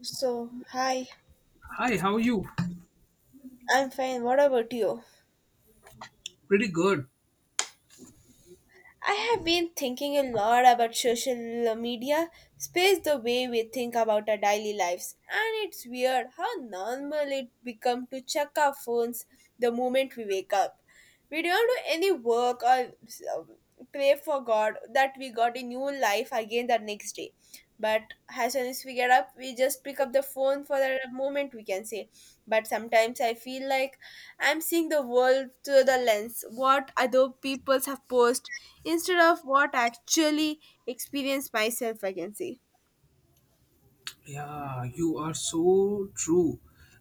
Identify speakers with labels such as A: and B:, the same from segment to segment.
A: So, hi,
B: Hi, how are you?
A: I'm fine. What about you?
B: Pretty good.
A: I have been thinking a lot about social media, space the way we think about our daily lives. And it's weird how normal it become to check our phones the moment we wake up. We don't do any work or um, pray for God that we got a new life again the next day. But as soon as we get up we just pick up the phone for a moment we can say, but sometimes I feel like I'm seeing the world through the lens what other peoples have posted instead of what I actually experienced myself I can say.
B: Yeah, you are so true.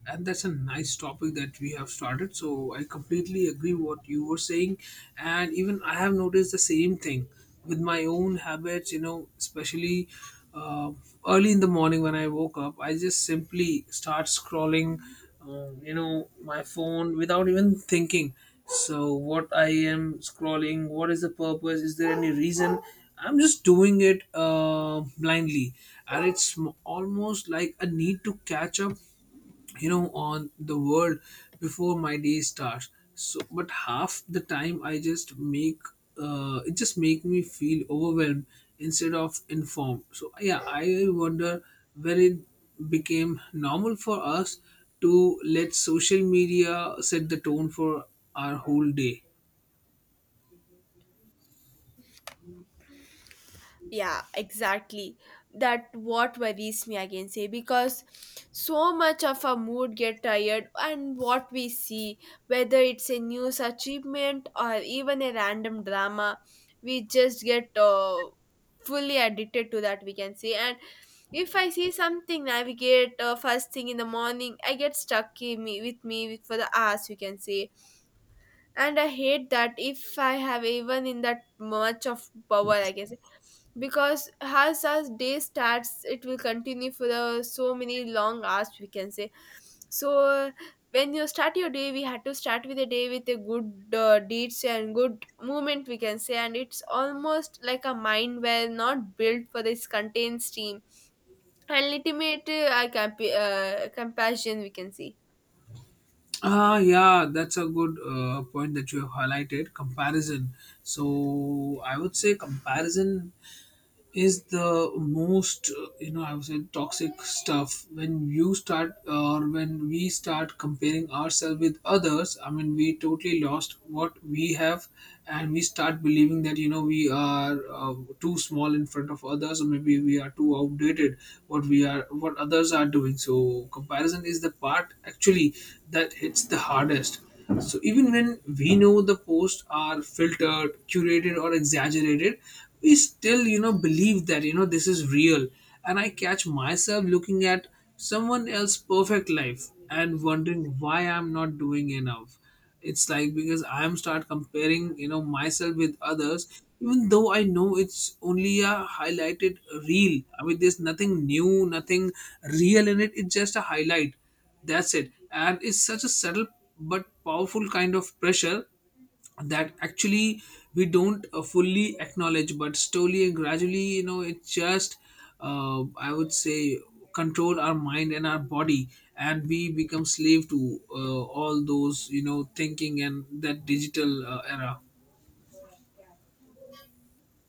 B: And that's a nice topic that we have started. So I completely agree what you were saying. And even I have noticed the same thing with my own habits, you know, especially uh, early in the morning when I woke up, I just simply start scrolling you know, my phone without even thinking. So what I am scrolling, what is the purpose, is there any reason? I'm just doing it blindly. And it's almost like a need to catch up, you know, on the world before my day starts. So but half the time I just make, it just make me feel overwhelmed instead of informed. So yeah, I wonder where it became normal for us to let social media set the tone for our whole day.
A: Yeah, exactly. That what worries me, I can say, because so much of our mood get tired and what we see, whether it's a news achievement or even a random drama, we just get fully addicted to that, we can say. And if I see something navigate first thing in the morning, I get stuck in me with, for the hours, we can say, and I hate that if I have even in that much of power I guess, because as our day starts it will continue for the so many long hours we can say. So when you start your day we had to start with a day with a good deeds and good movement we can say, and it's almost like a mind where not built for this contained steam and ultimate compassion we can see.
B: Ah, yeah, that's a good point that you have highlighted. Comparison. So I would say comparison is the most, you know, I would say toxic stuff. When you start or when we start comparing ourselves with others, I mean, we totally lost what we have. And we start believing that, you know, we are too small in front of others, or maybe we are too outdated, what we are, what others are doing. So comparison is the part actually that hits the hardest. So even when we know the posts are filtered, curated, or exaggerated, we still, you know, believe that, you know, this is real. And I catch myself looking at someone else's perfect life and wondering why I'm not doing enough. It's like because I'm start comparing, you know, myself with others, even though I know it's only a highlighted reel. I mean, there's nothing new, nothing real in it. It's just a highlight, that's it. And it's such a subtle but powerful kind of pressure that actually we don't fully acknowledge, but slowly and gradually, you know, it just, I would say, control our mind and our body, and we become slave to, all those, you know, thinking and that digital era.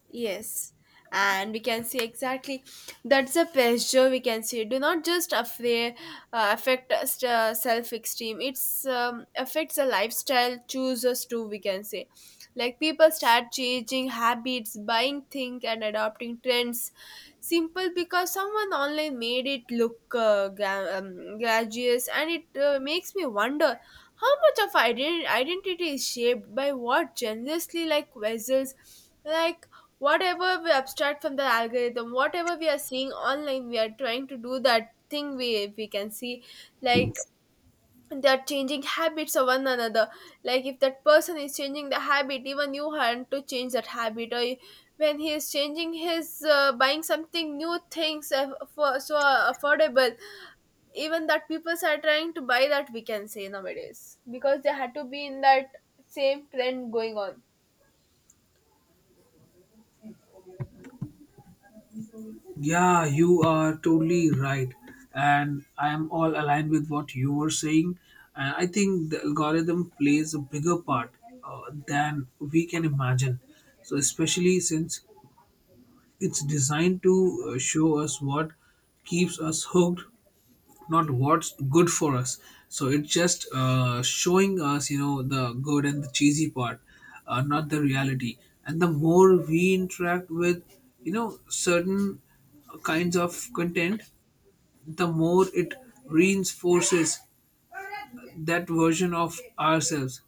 A: Yes, and we can see exactly that's a pressure we can see. Do not just affair, affect us self esteem. It's affects the lifestyle chooses too. We can say, like people start changing habits, buying things, and adopting trends. Simple because someone online made it look gracious, and it makes me wonder how much of identity is shaped by what generously like vessels, like whatever we abstract from the algorithm, whatever we are seeing online, we are trying to do that thing we can see. Like they're changing habits of one another. Like if that person is changing the habit, even you have to change that habit. Or when he is changing his buying something new things for so affordable, even that people are trying to buy that we can say nowadays because they had to be in that same trend going on.
B: Yeah, you are totally right. And I am all aligned with what you were saying. And I think the algorithm plays a bigger part uh, than we can imagine. So, especially since it's designed to show us what keeps us hooked, not what's good for us. So it's just, showing us, you know, the good and the cheesy part, not the reality. And the more we interact with, you know, certain kinds of content, the more it reinforces that version of ourselves.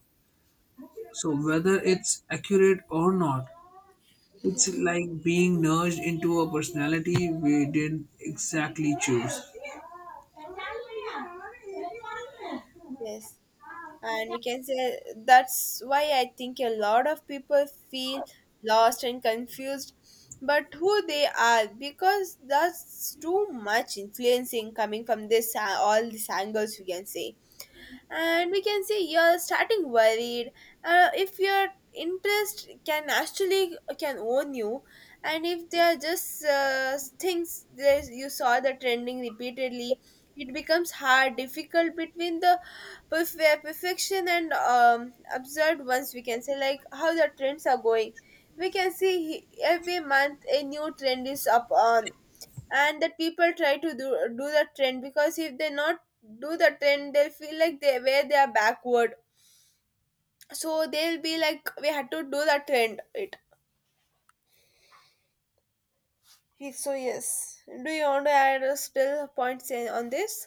B: So whether it's accurate or not, it's like being nudged into a personality we didn't exactly choose.
A: Yes. And we can say that's why I think a lot of people feel lost and confused but who they are, because that's too much influencing coming from this all these angles we can say. And we can say you're starting worried if your interest can actually can own you, and if they are just things that you saw the trending repeatedly, it becomes hard difficult between the where perfection and absurd ones we can say, like how the trends are going we can see. Every month a new trend is up on, and that people try to do the trend because if they not do the trend they'll feel like they where they are backward. So they'll be like we had to do the trend it. So yes, do you want to add still points on this?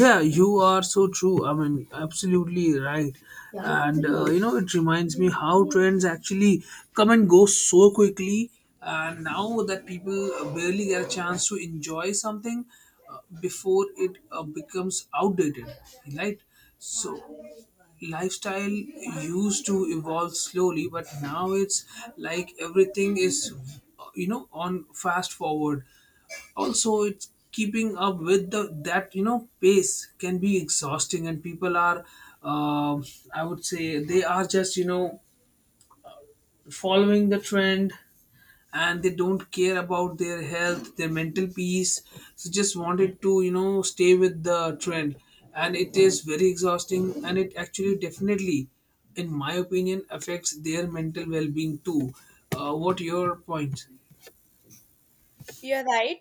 B: Yeah, you are so true. I mean, absolutely right. Yeah. And you know, it reminds me how trends actually come and go so quickly. And now that people barely get a chance to enjoy something before it becomes outdated, right? So, lifestyle used to evolve slowly, but now it's like everything is, you know, on fast forward. Also, it's keeping up with the, that, you know, pace can be exhausting, and people are, um, I would say they are just, you know, following the trend, and they don't care about their health, their mental peace. So just wanted to, you know, stay with the trend. And it is very exhausting, and it actually definitely, in my opinion, affects their mental well-being too. What your point?
A: You're right.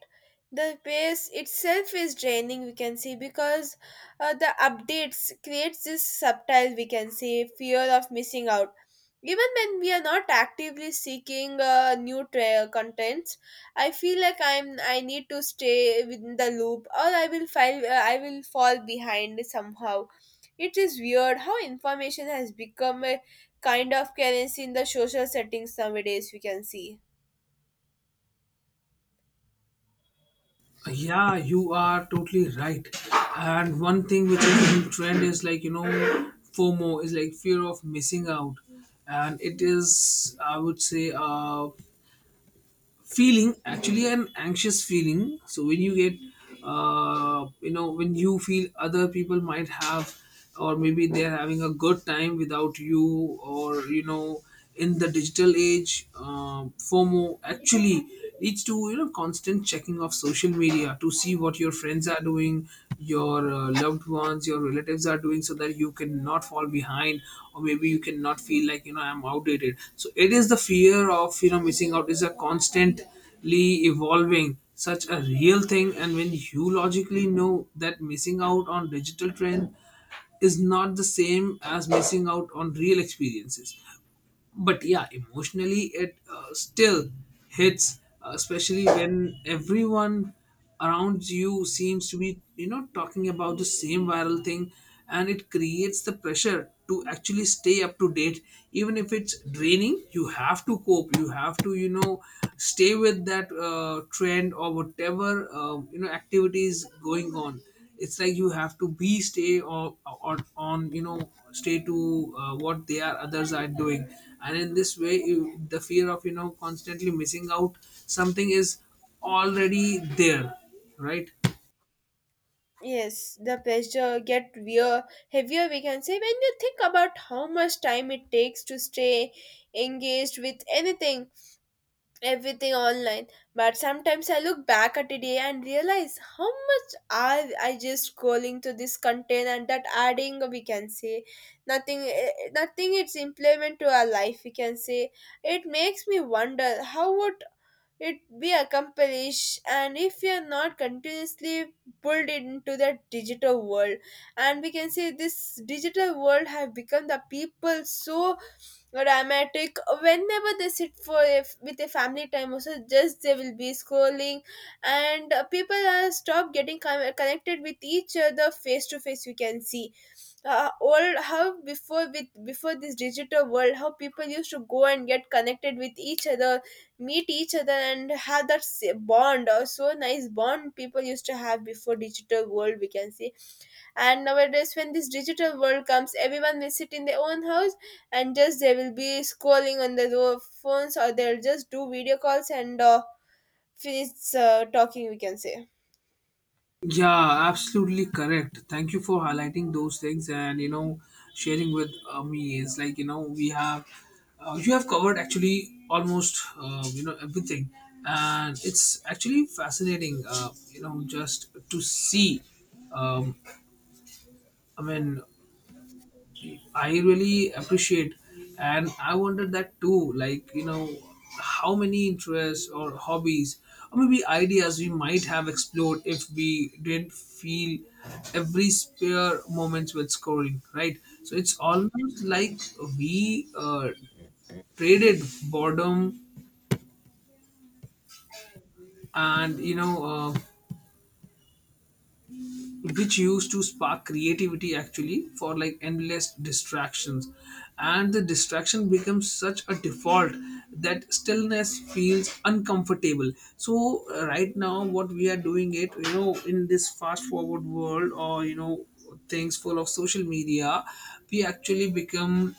A: The pace itself is draining, we can see, because the updates creates this subtle, we can say, fear of missing out. Even when we are not actively seeking contents, I feel like I need to stay within the loop, or I will file I will fall behind somehow. It is weird how information has become a kind of currency in the social settings nowadays. We can see.
B: Yeah, you are totally right. And one thing which is in trend is like, you know, FOMO is like fear of missing out. And it is, I would say, feeling actually an anxious feeling. So when you get, you know, when you feel other people might have, or maybe they're having a good time without you, or, you know, in the digital age, FOMO actually leads to, you know, constant checking of social media to see what your friends are doing, your loved ones, your relatives are doing, so that you cannot fall behind, or maybe you cannot feel like, you know, I'm outdated. So it is the fear of, you know, missing out is a constantly evolving, such a real thing. And when you logically know that missing out on digital trend is not the same as missing out on real experiences, but yeah, emotionally it still hits, especially when everyone around you seems to be, you know, talking about the same viral thing. And it creates the pressure to actually stay up to date. Even if it's draining, you have to cope, you have to, you know, stay with that trend, or whatever you know activities going on. It's like you have to be stay, or on, you know, stay to what they are, others are doing. And in this way, you, the fear of, you know, constantly missing out something is already there, right?
A: Yes, the pressure get heavier, we can say, when you think about how much time it takes to stay engaged with anything, everything online. But sometimes I look back at a day and realize how much I just scrolling to this content and that adding, we can say, nothing, eh, eh, nothing it's implement to our life, we can say. It makes me wonder how would it be accomplished and if we are not continuously pulled into that digital world. And we can say this digital world have become the people so dramatic, whenever they sit for with a family time also just they will be scrolling. And people are stop getting connected with each other face to face we can see. Old how before with before this digital world how people used to go and get connected with each other, meet each other and have that bond or so nice bond people used to have before digital world we can see. And nowadays when this digital world comes everyone will sit in their own house and just they will be scrolling on their phones or they'll just do video calls and finish talking we can say.
B: Yeah, absolutely correct. Thank you for highlighting those things, and you know, sharing with me. It's like, you know, we have you have covered actually almost, you know, everything, and it's actually fascinating. You know, just to see. Um, I mean, I really appreciate, and I wondered that too. Like, you know, how many interests or hobbies or maybe ideas we might have explored if we didn't feel every spare moments with scoring, right? So it's almost like we traded boredom and, you know, which used to spark creativity, actually, for like endless distractions. And the distraction becomes such a default that stillness feels uncomfortable. So right now what we are doing, it, you know, in this fast forward world, or you know, things full of social media, we actually become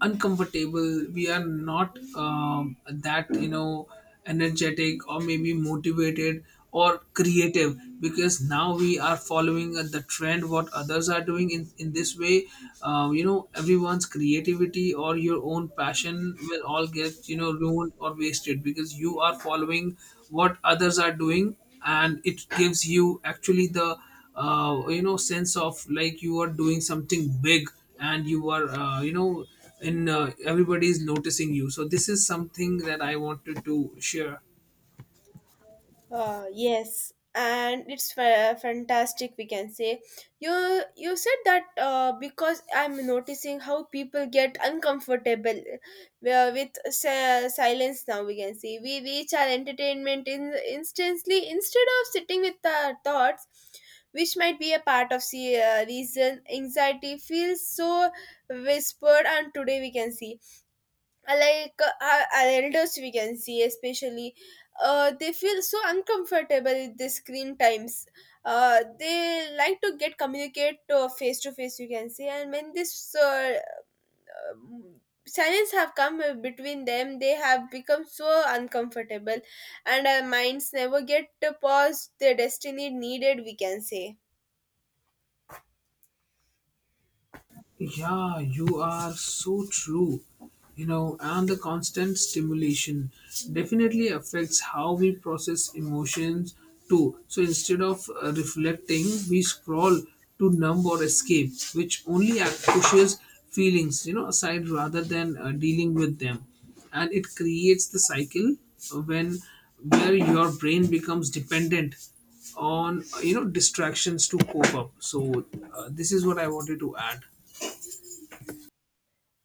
B: uncomfortable. We are not, that, you know, energetic or maybe motivated or creative, because now we are following the trend, what others are doing. In this way, you know, everyone's creativity or your own passion will all get, you know, ruined or wasted, because you are following what others are doing. And it gives you actually the, you know, sense of like you are doing something big, and you are, you know, and everybody is noticing you. So this is something that I wanted to share.
A: Yes, and it's fantastic. We can say you said that because I'm noticing how people get uncomfortable with silence. Now we can see we reach our entertainment in instantly instead of sitting with our thoughts, which might be a part of the reason anxiety feels so whispered. And today we can see our elders we can see, especially they feel so uncomfortable with the screen times. They like to get communicate to face you can say, and when this um, silence have come between them they have become so uncomfortable, and our minds never get to pause their destiny needed we can say.
B: Yeah, you are so true. You know, and the constant stimulation definitely affects how we process emotions too. So instead of reflecting, we scroll to numb or escape, which only pushes feelings, you know, aside, rather than dealing with them. And it creates the cycle when, where your brain becomes dependent on, you know, distractions to cope up. So this is what I wanted to add.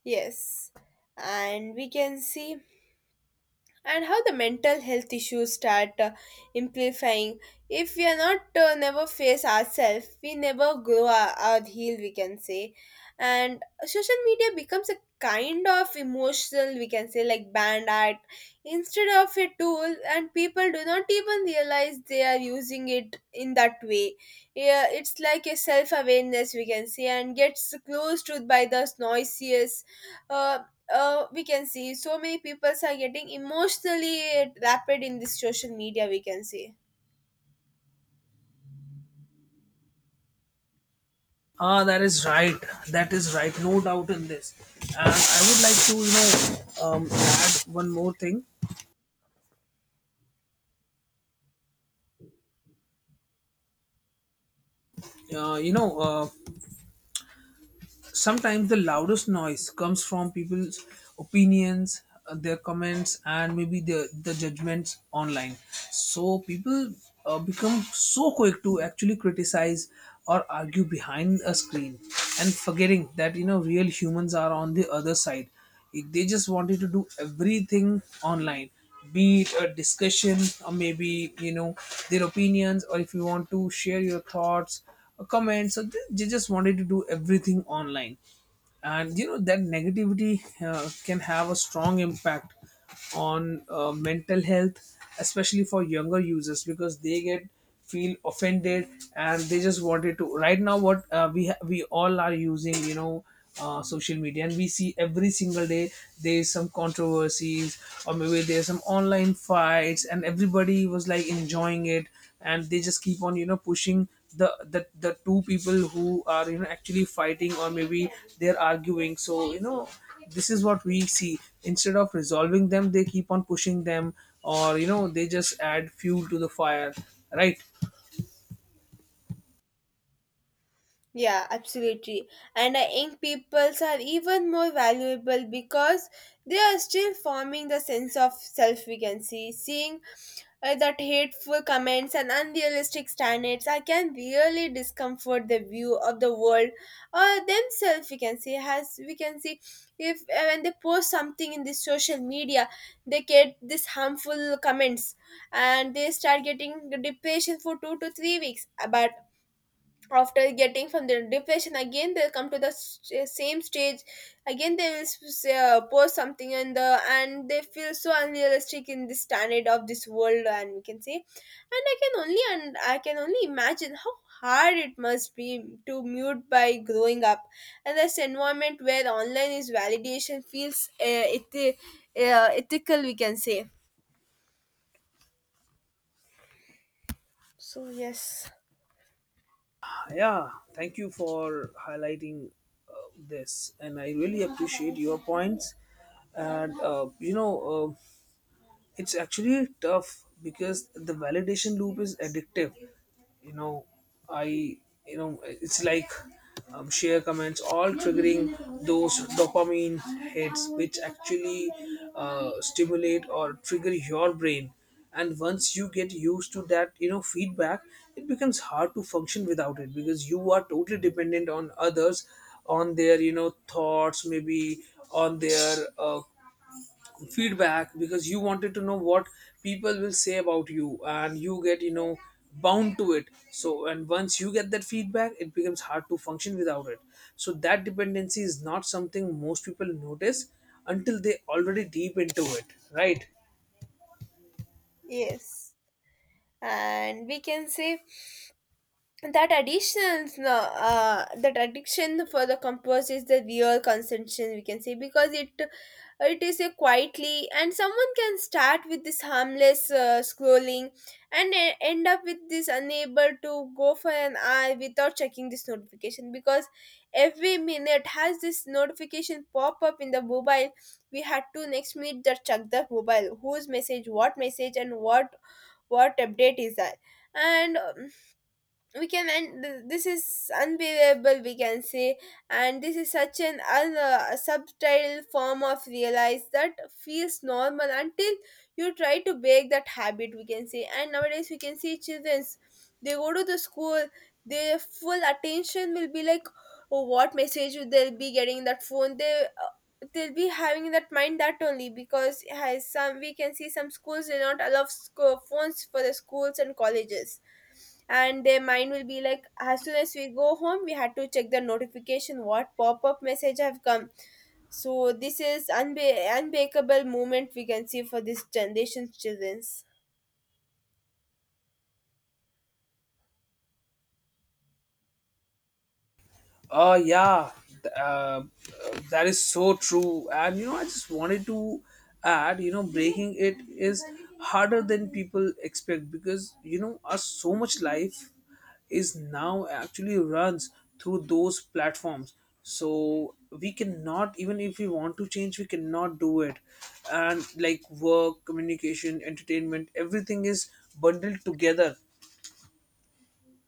A: Yes, and we can see, and how the mental health issues start amplifying. If we are not never face ourselves we never grow our heal we can say, and social media becomes a kind of emotional we can say like band art instead of a tool, and people do not even realize they are using it in that way. Yeah, it's like a self-awareness we can say and gets closed to by the noisiest uh, we can see so many people are getting emotionally wrapped in this social media we can see.
B: Ah, that is right. That is right. No doubt in this. And I would like to, you know, add one more thing. You know, sometimes the loudest noise comes from people's opinions, their comments, and maybe the judgments online. So people become so quick to actually criticize or argue behind a screen, and forgetting that, you know, real humans are on the other side. They just wanted to do everything online, be it a discussion or maybe, you know, their opinions, or if you want to share your thoughts or comments. So they just wanted to do everything online. And you know, that negativity can have a strong impact on mental health, especially for younger users, because they get feel offended. And they just wanted to, right now what we we all are using, you know, social media, and we see every single day there's some controversies or maybe there's some online fights, and everybody was like enjoying it, and they just keep on, you know, pushing the two people who are, you know, actually fighting, or maybe they're arguing. So you know, this is what we see. Instead of resolving them, they keep on pushing them, or you know, they just add fuel to the fire, right?
A: Yeah, absolutely, and I think peoples are even more valuable because they are still forming the sense of self we can see, seeing that hateful comments and unrealistic standards can really discomfort the view of the world or themselves we can see, has we can see if when they post something in the social media they get this harmful comments, and they start getting depression for 2 to 3 weeks. But after getting from the depression again they'll come to the same stage, again they will post something in the, and they feel so unrealistic in the standard of this world and we can say. And I can only imagine how hard it must be to mute by growing up and this environment where online is validation feels ethical we can say, so yes.
B: Yeah, thank you for highlighting this, and I really appreciate your points. And you know, it's actually tough because the validation loop is addictive. You know, I, you know, it's like, share comments, all triggering those dopamine hits, which actually stimulate or trigger your brain. And once you get used to that, you know, feedback, it becomes hard to function without it, because you are totally dependent on others, on their, you know, thoughts, maybe on their feedback, because you wanted to know what people will say about you, and you get, you know, bound to it. So, and once you get that feedback, it becomes hard to function without it. So that dependency is not something most people notice until they already deep into it, right?
A: Yes, and we can say that addictions no, that addiction for the compost is the real consumption we can say, because it is a quietly, and someone can start with this harmless scrolling and end up with this unable to go for an hour without checking this notification, because every minute has this notification pop up in the mobile, we had to next minute just check the mobile whose message what message and what update is that. And we can and this is unbelievable we can say. And this is such an subtle form of realize that feels normal until you try to break that habit we can say. And nowadays we can see childrens, they go to the school, their full attention will be like, oh, what message will they'll be getting in that phone they they'll be having that mind that only because has some, we can see some schools will not allow phones for the schools and colleges, and their mind will be like as soon as we go home we had to check the notification what pop-up message have come. So this is unbreakable moment we can see for this generation's children's.
B: Oh yeah, th- uh, that is so true. And you know, I just wanted to add, you know, breaking it is harder than people expect because you know, us so much life is now actually runs through those platforms. So we cannot, even if we want to change, we cannot do it. And like work, communication, entertainment, everything is bundled together.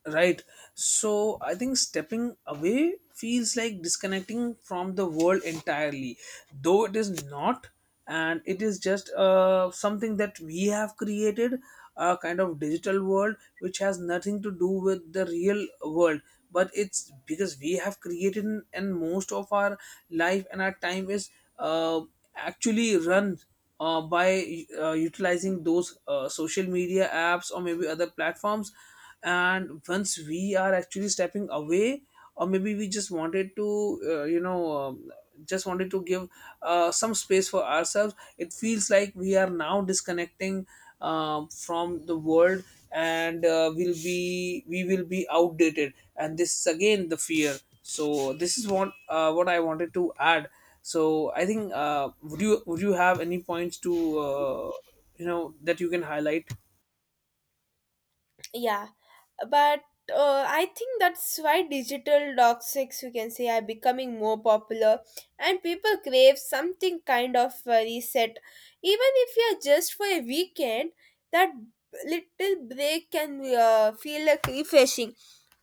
B: Right. So I think stepping away feels like disconnecting from the world entirely, though it is not, and it is just something that we have created, a kind of digital world which has nothing to do with the real world. But it's because we have created, and most of our life and our time is uh, actually run by utilizing those social media apps or maybe other platforms. And once we are actually stepping away, or maybe we just wanted to just wanted to give some space for ourselves, it feels like we are now disconnecting from the world, and will be we will be outdated, and this is again the fear. So this is what I wanted to add. So I think, would you have any points to uh, you know that you can highlight?
A: Yeah, but I think that's why digital toxics we can say are becoming more popular, and people crave something kind of reset, even if you're just for a weekend, that little break can feel like refreshing,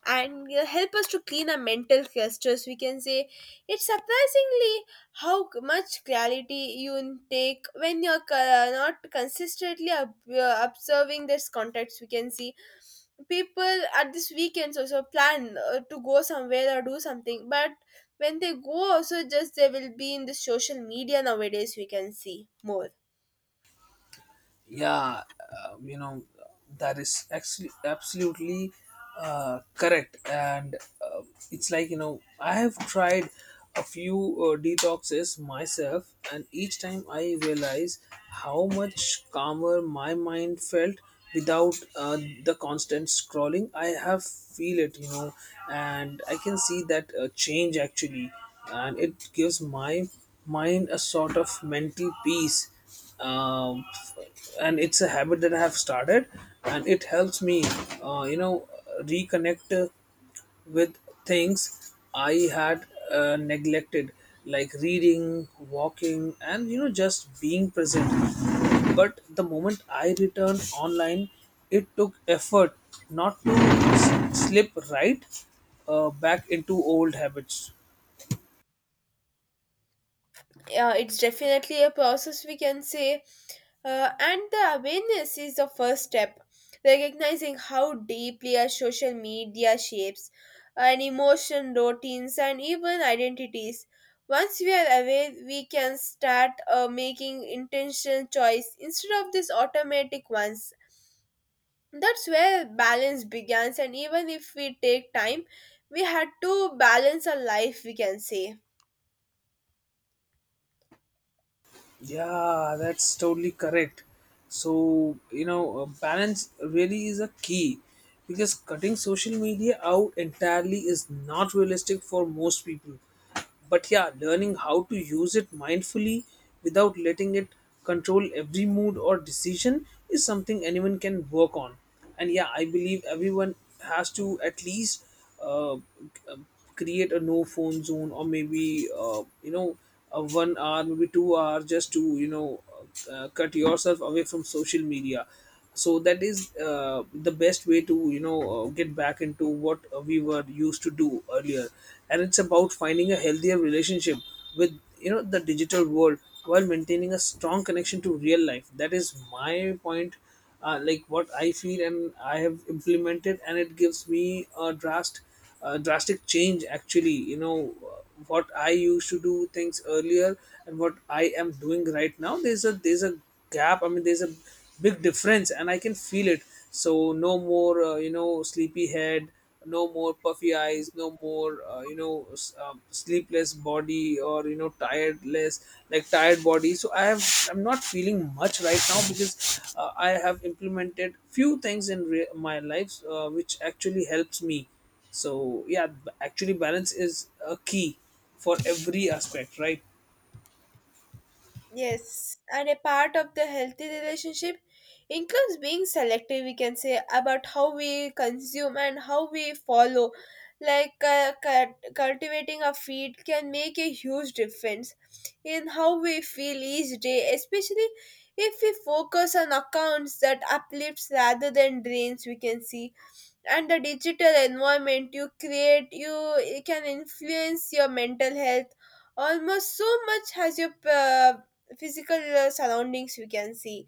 A: and help us to clean our mental clusters we can say. It's surprisingly how much clarity you intake when you're not consistently observing this context we can see. People at this weekends also plan to go somewhere or do something, but when they go also just they will be in the social media nowadays we can see more.
B: Yeah, you know, that is actually absolutely correct. And it's like, you know, I have tried a few detoxes myself, and each time I realize how much calmer my mind felt without the constant scrolling. I have feel it, you know, and I can see that change actually, and it gives my mind a sort of mental peace, um, and it's a habit that I have started, and it helps me, you know, reconnect with things I had neglected, like reading, walking, and you know, just being present. But the moment I returned online, it took effort not to slip right back into old habits.
A: Yeah, it's definitely a process we can say. And the awareness is the first step, recognizing how deeply our social media shapes and emotion routines and even identities. Once we are aware, we can start making intentional choice instead of these automatic ones. That's where balance begins, and even if we take time, we had to balance our life, we can say.
B: Yeah, that's totally correct. So, you know, balance really is a key because cutting social media out entirely is not realistic for most people. But yeah, learning how to use it mindfully without letting it control every mood or decision is something anyone can work on. And yeah, I believe everyone has to at least uh, create a no phone zone, or maybe you know, a 1 hour, maybe 2 hour, just to you know cut yourself away from social media. So that is the best way to you know get back into what we were used to do earlier. And it's about finding a healthier relationship with, you know, the digital world, while maintaining a strong connection to real life. That is my point, like what I feel and I have implemented, and it gives me a drastic, drastic change. Actually, you know, what I used to do things earlier and what I am doing right now, there's a gap. I mean, there's a big difference, and I can feel it. So no more you know sleepy head, no more puffy eyes, no more sleepless body, or you know, tiredless, like tired body. So I have, I'm not feeling much right now because I have implemented few things in my life, which actually helps me. So yeah, actually balance is a key for every aspect, right?
A: Yes, and a part of the healthy relationship includes being selective, we can say, about how we consume and how we follow. Like cultivating a feed can make a huge difference in how we feel each day, especially if we focus on accounts that uplifts rather than drains, we can see. And the digital environment you create you it can influence your mental health almost so much as your physical surroundings we can see.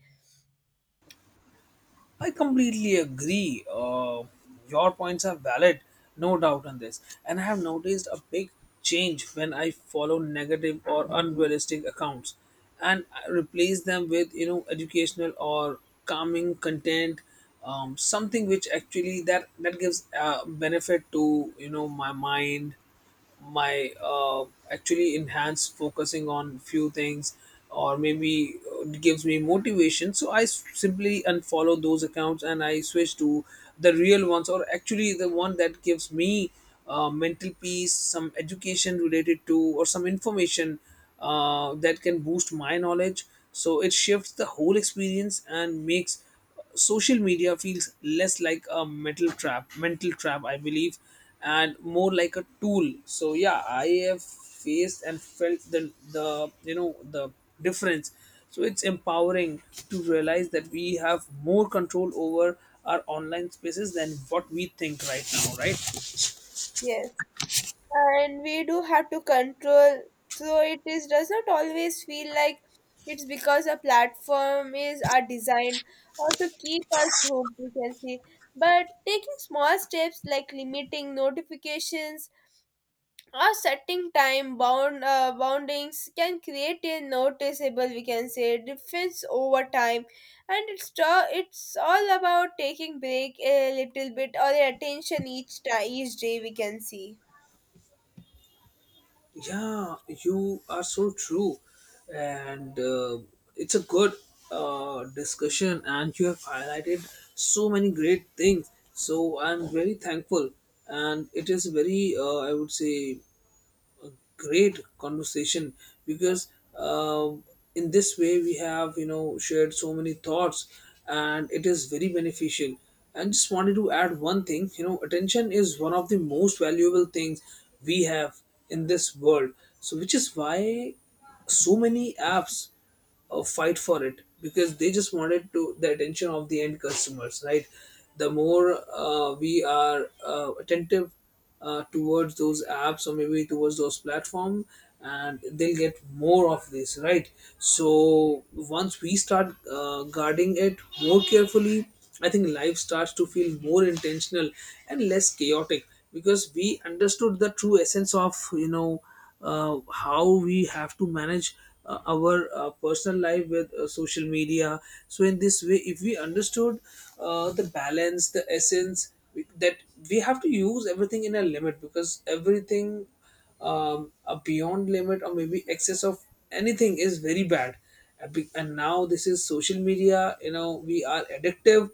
B: I completely agree. Your points are valid, no doubt on this. And I have noticed a big change when I follow negative or unrealistic accounts and I replace them with, you know, educational or calming content, something which actually that gives benefit to, you know, my mind, my actually enhance focusing on few things, or maybe it gives me motivation. So I simply unfollow those accounts and I switch to the real ones, or actually the one that gives me mental peace, some education related to, or some information that can boost my knowledge. So it shifts the whole experience and makes social media feels less like a mental trap, I believe, and more like a tool. So yeah, I have faced and felt the you know the difference. So it's empowering to realize that we have more control over our online spaces than what we think right now, right?
A: Yes, and we do have to control, so it is does not always feel like it's because a platform is are designed or to keep us hooked we can see. But taking small steps like limiting notifications, our setting time bound boundings can create a noticeable, we can say, difference over time, and it's all about taking break a little bit or attention each time each day. We can see.
B: Yeah, you are so true. And it's a good discussion, and you have highlighted so many great things. So I'm very thankful, and it is very, I would say, great conversation, because uh, in this way we have, you know, shared so many thoughts, and it is very beneficial. And just wanted to add one thing, you know, attention is one of the most valuable things we have in this world. So which is why so many apps fight for it, because they just wanted to the attention of the end customers, right? The more we are attentive towards those apps or maybe towards those platform, and they'll get more of this, right? So once we start guarding it more carefully, I think life starts to feel more intentional and less chaotic, because we understood the true essence of, you know, how we have to manage our personal life with social media. So in this way, if we understood the balance, the essence that we have to use everything in a limit, because everything, a beyond limit or maybe excess of anything is very bad. And and now this is social media, you know, we are addictive,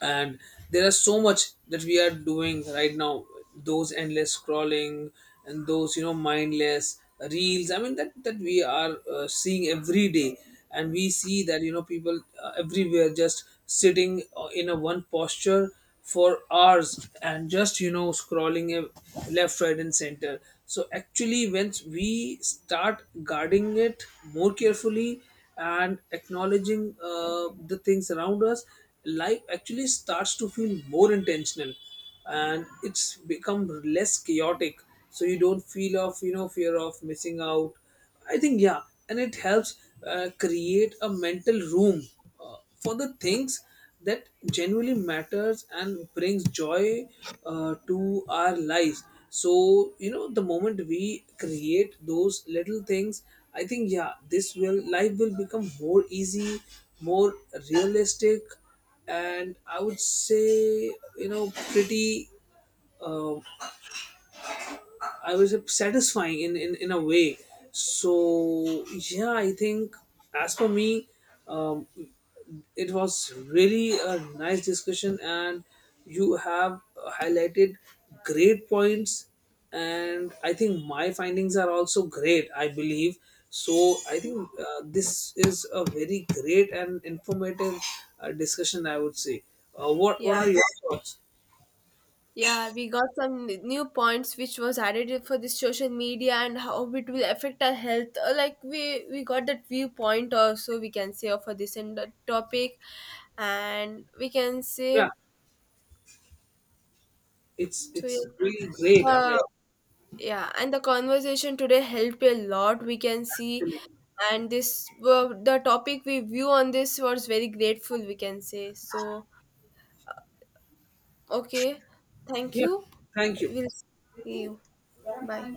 B: and there are so much that we are doing right now, those endless scrolling and those, you know, mindless reels, I mean, that we are seeing every day. And we see that, you know, people everywhere just sitting in a one posture for hours and just, you know, scrolling left, right and center. So actually once we start guarding it more carefully and acknowledging the things around us, life actually starts to feel more intentional, and it's become less chaotic. So you don't feel of, you know, fear of missing out, I think. Yeah, and it helps create a mental room for the things that genuinely matters and brings joy to our lives. So you know, the moment we create those little things, I think, yeah, this will life will become more easy, more realistic, and I would say, you know, pretty uh, I would say satisfying in a way. So yeah, I think, as for me, um, it was really a nice discussion, and you have highlighted great points. And I think my findings are also great, I believe. So I think this is a very great and informative discussion, I would say. What
A: Yeah,
B: are your thoughts?
A: yeah, we got some new points which was added for this social media and how it will affect our health. Like we got that viewpoint also we can say for this and that topic, and we can
B: Yeah,
A: say
B: it's
A: so yeah,
B: it's really great. I mean,
A: the. Yeah, and the conversation today helped a lot. We can see,
B: actually,
A: and this well, the topic we view on this was very grateful. We can say so. Okay, thank
B: yeah.
A: you.
B: Thank you.
A: We'll see you. Bye.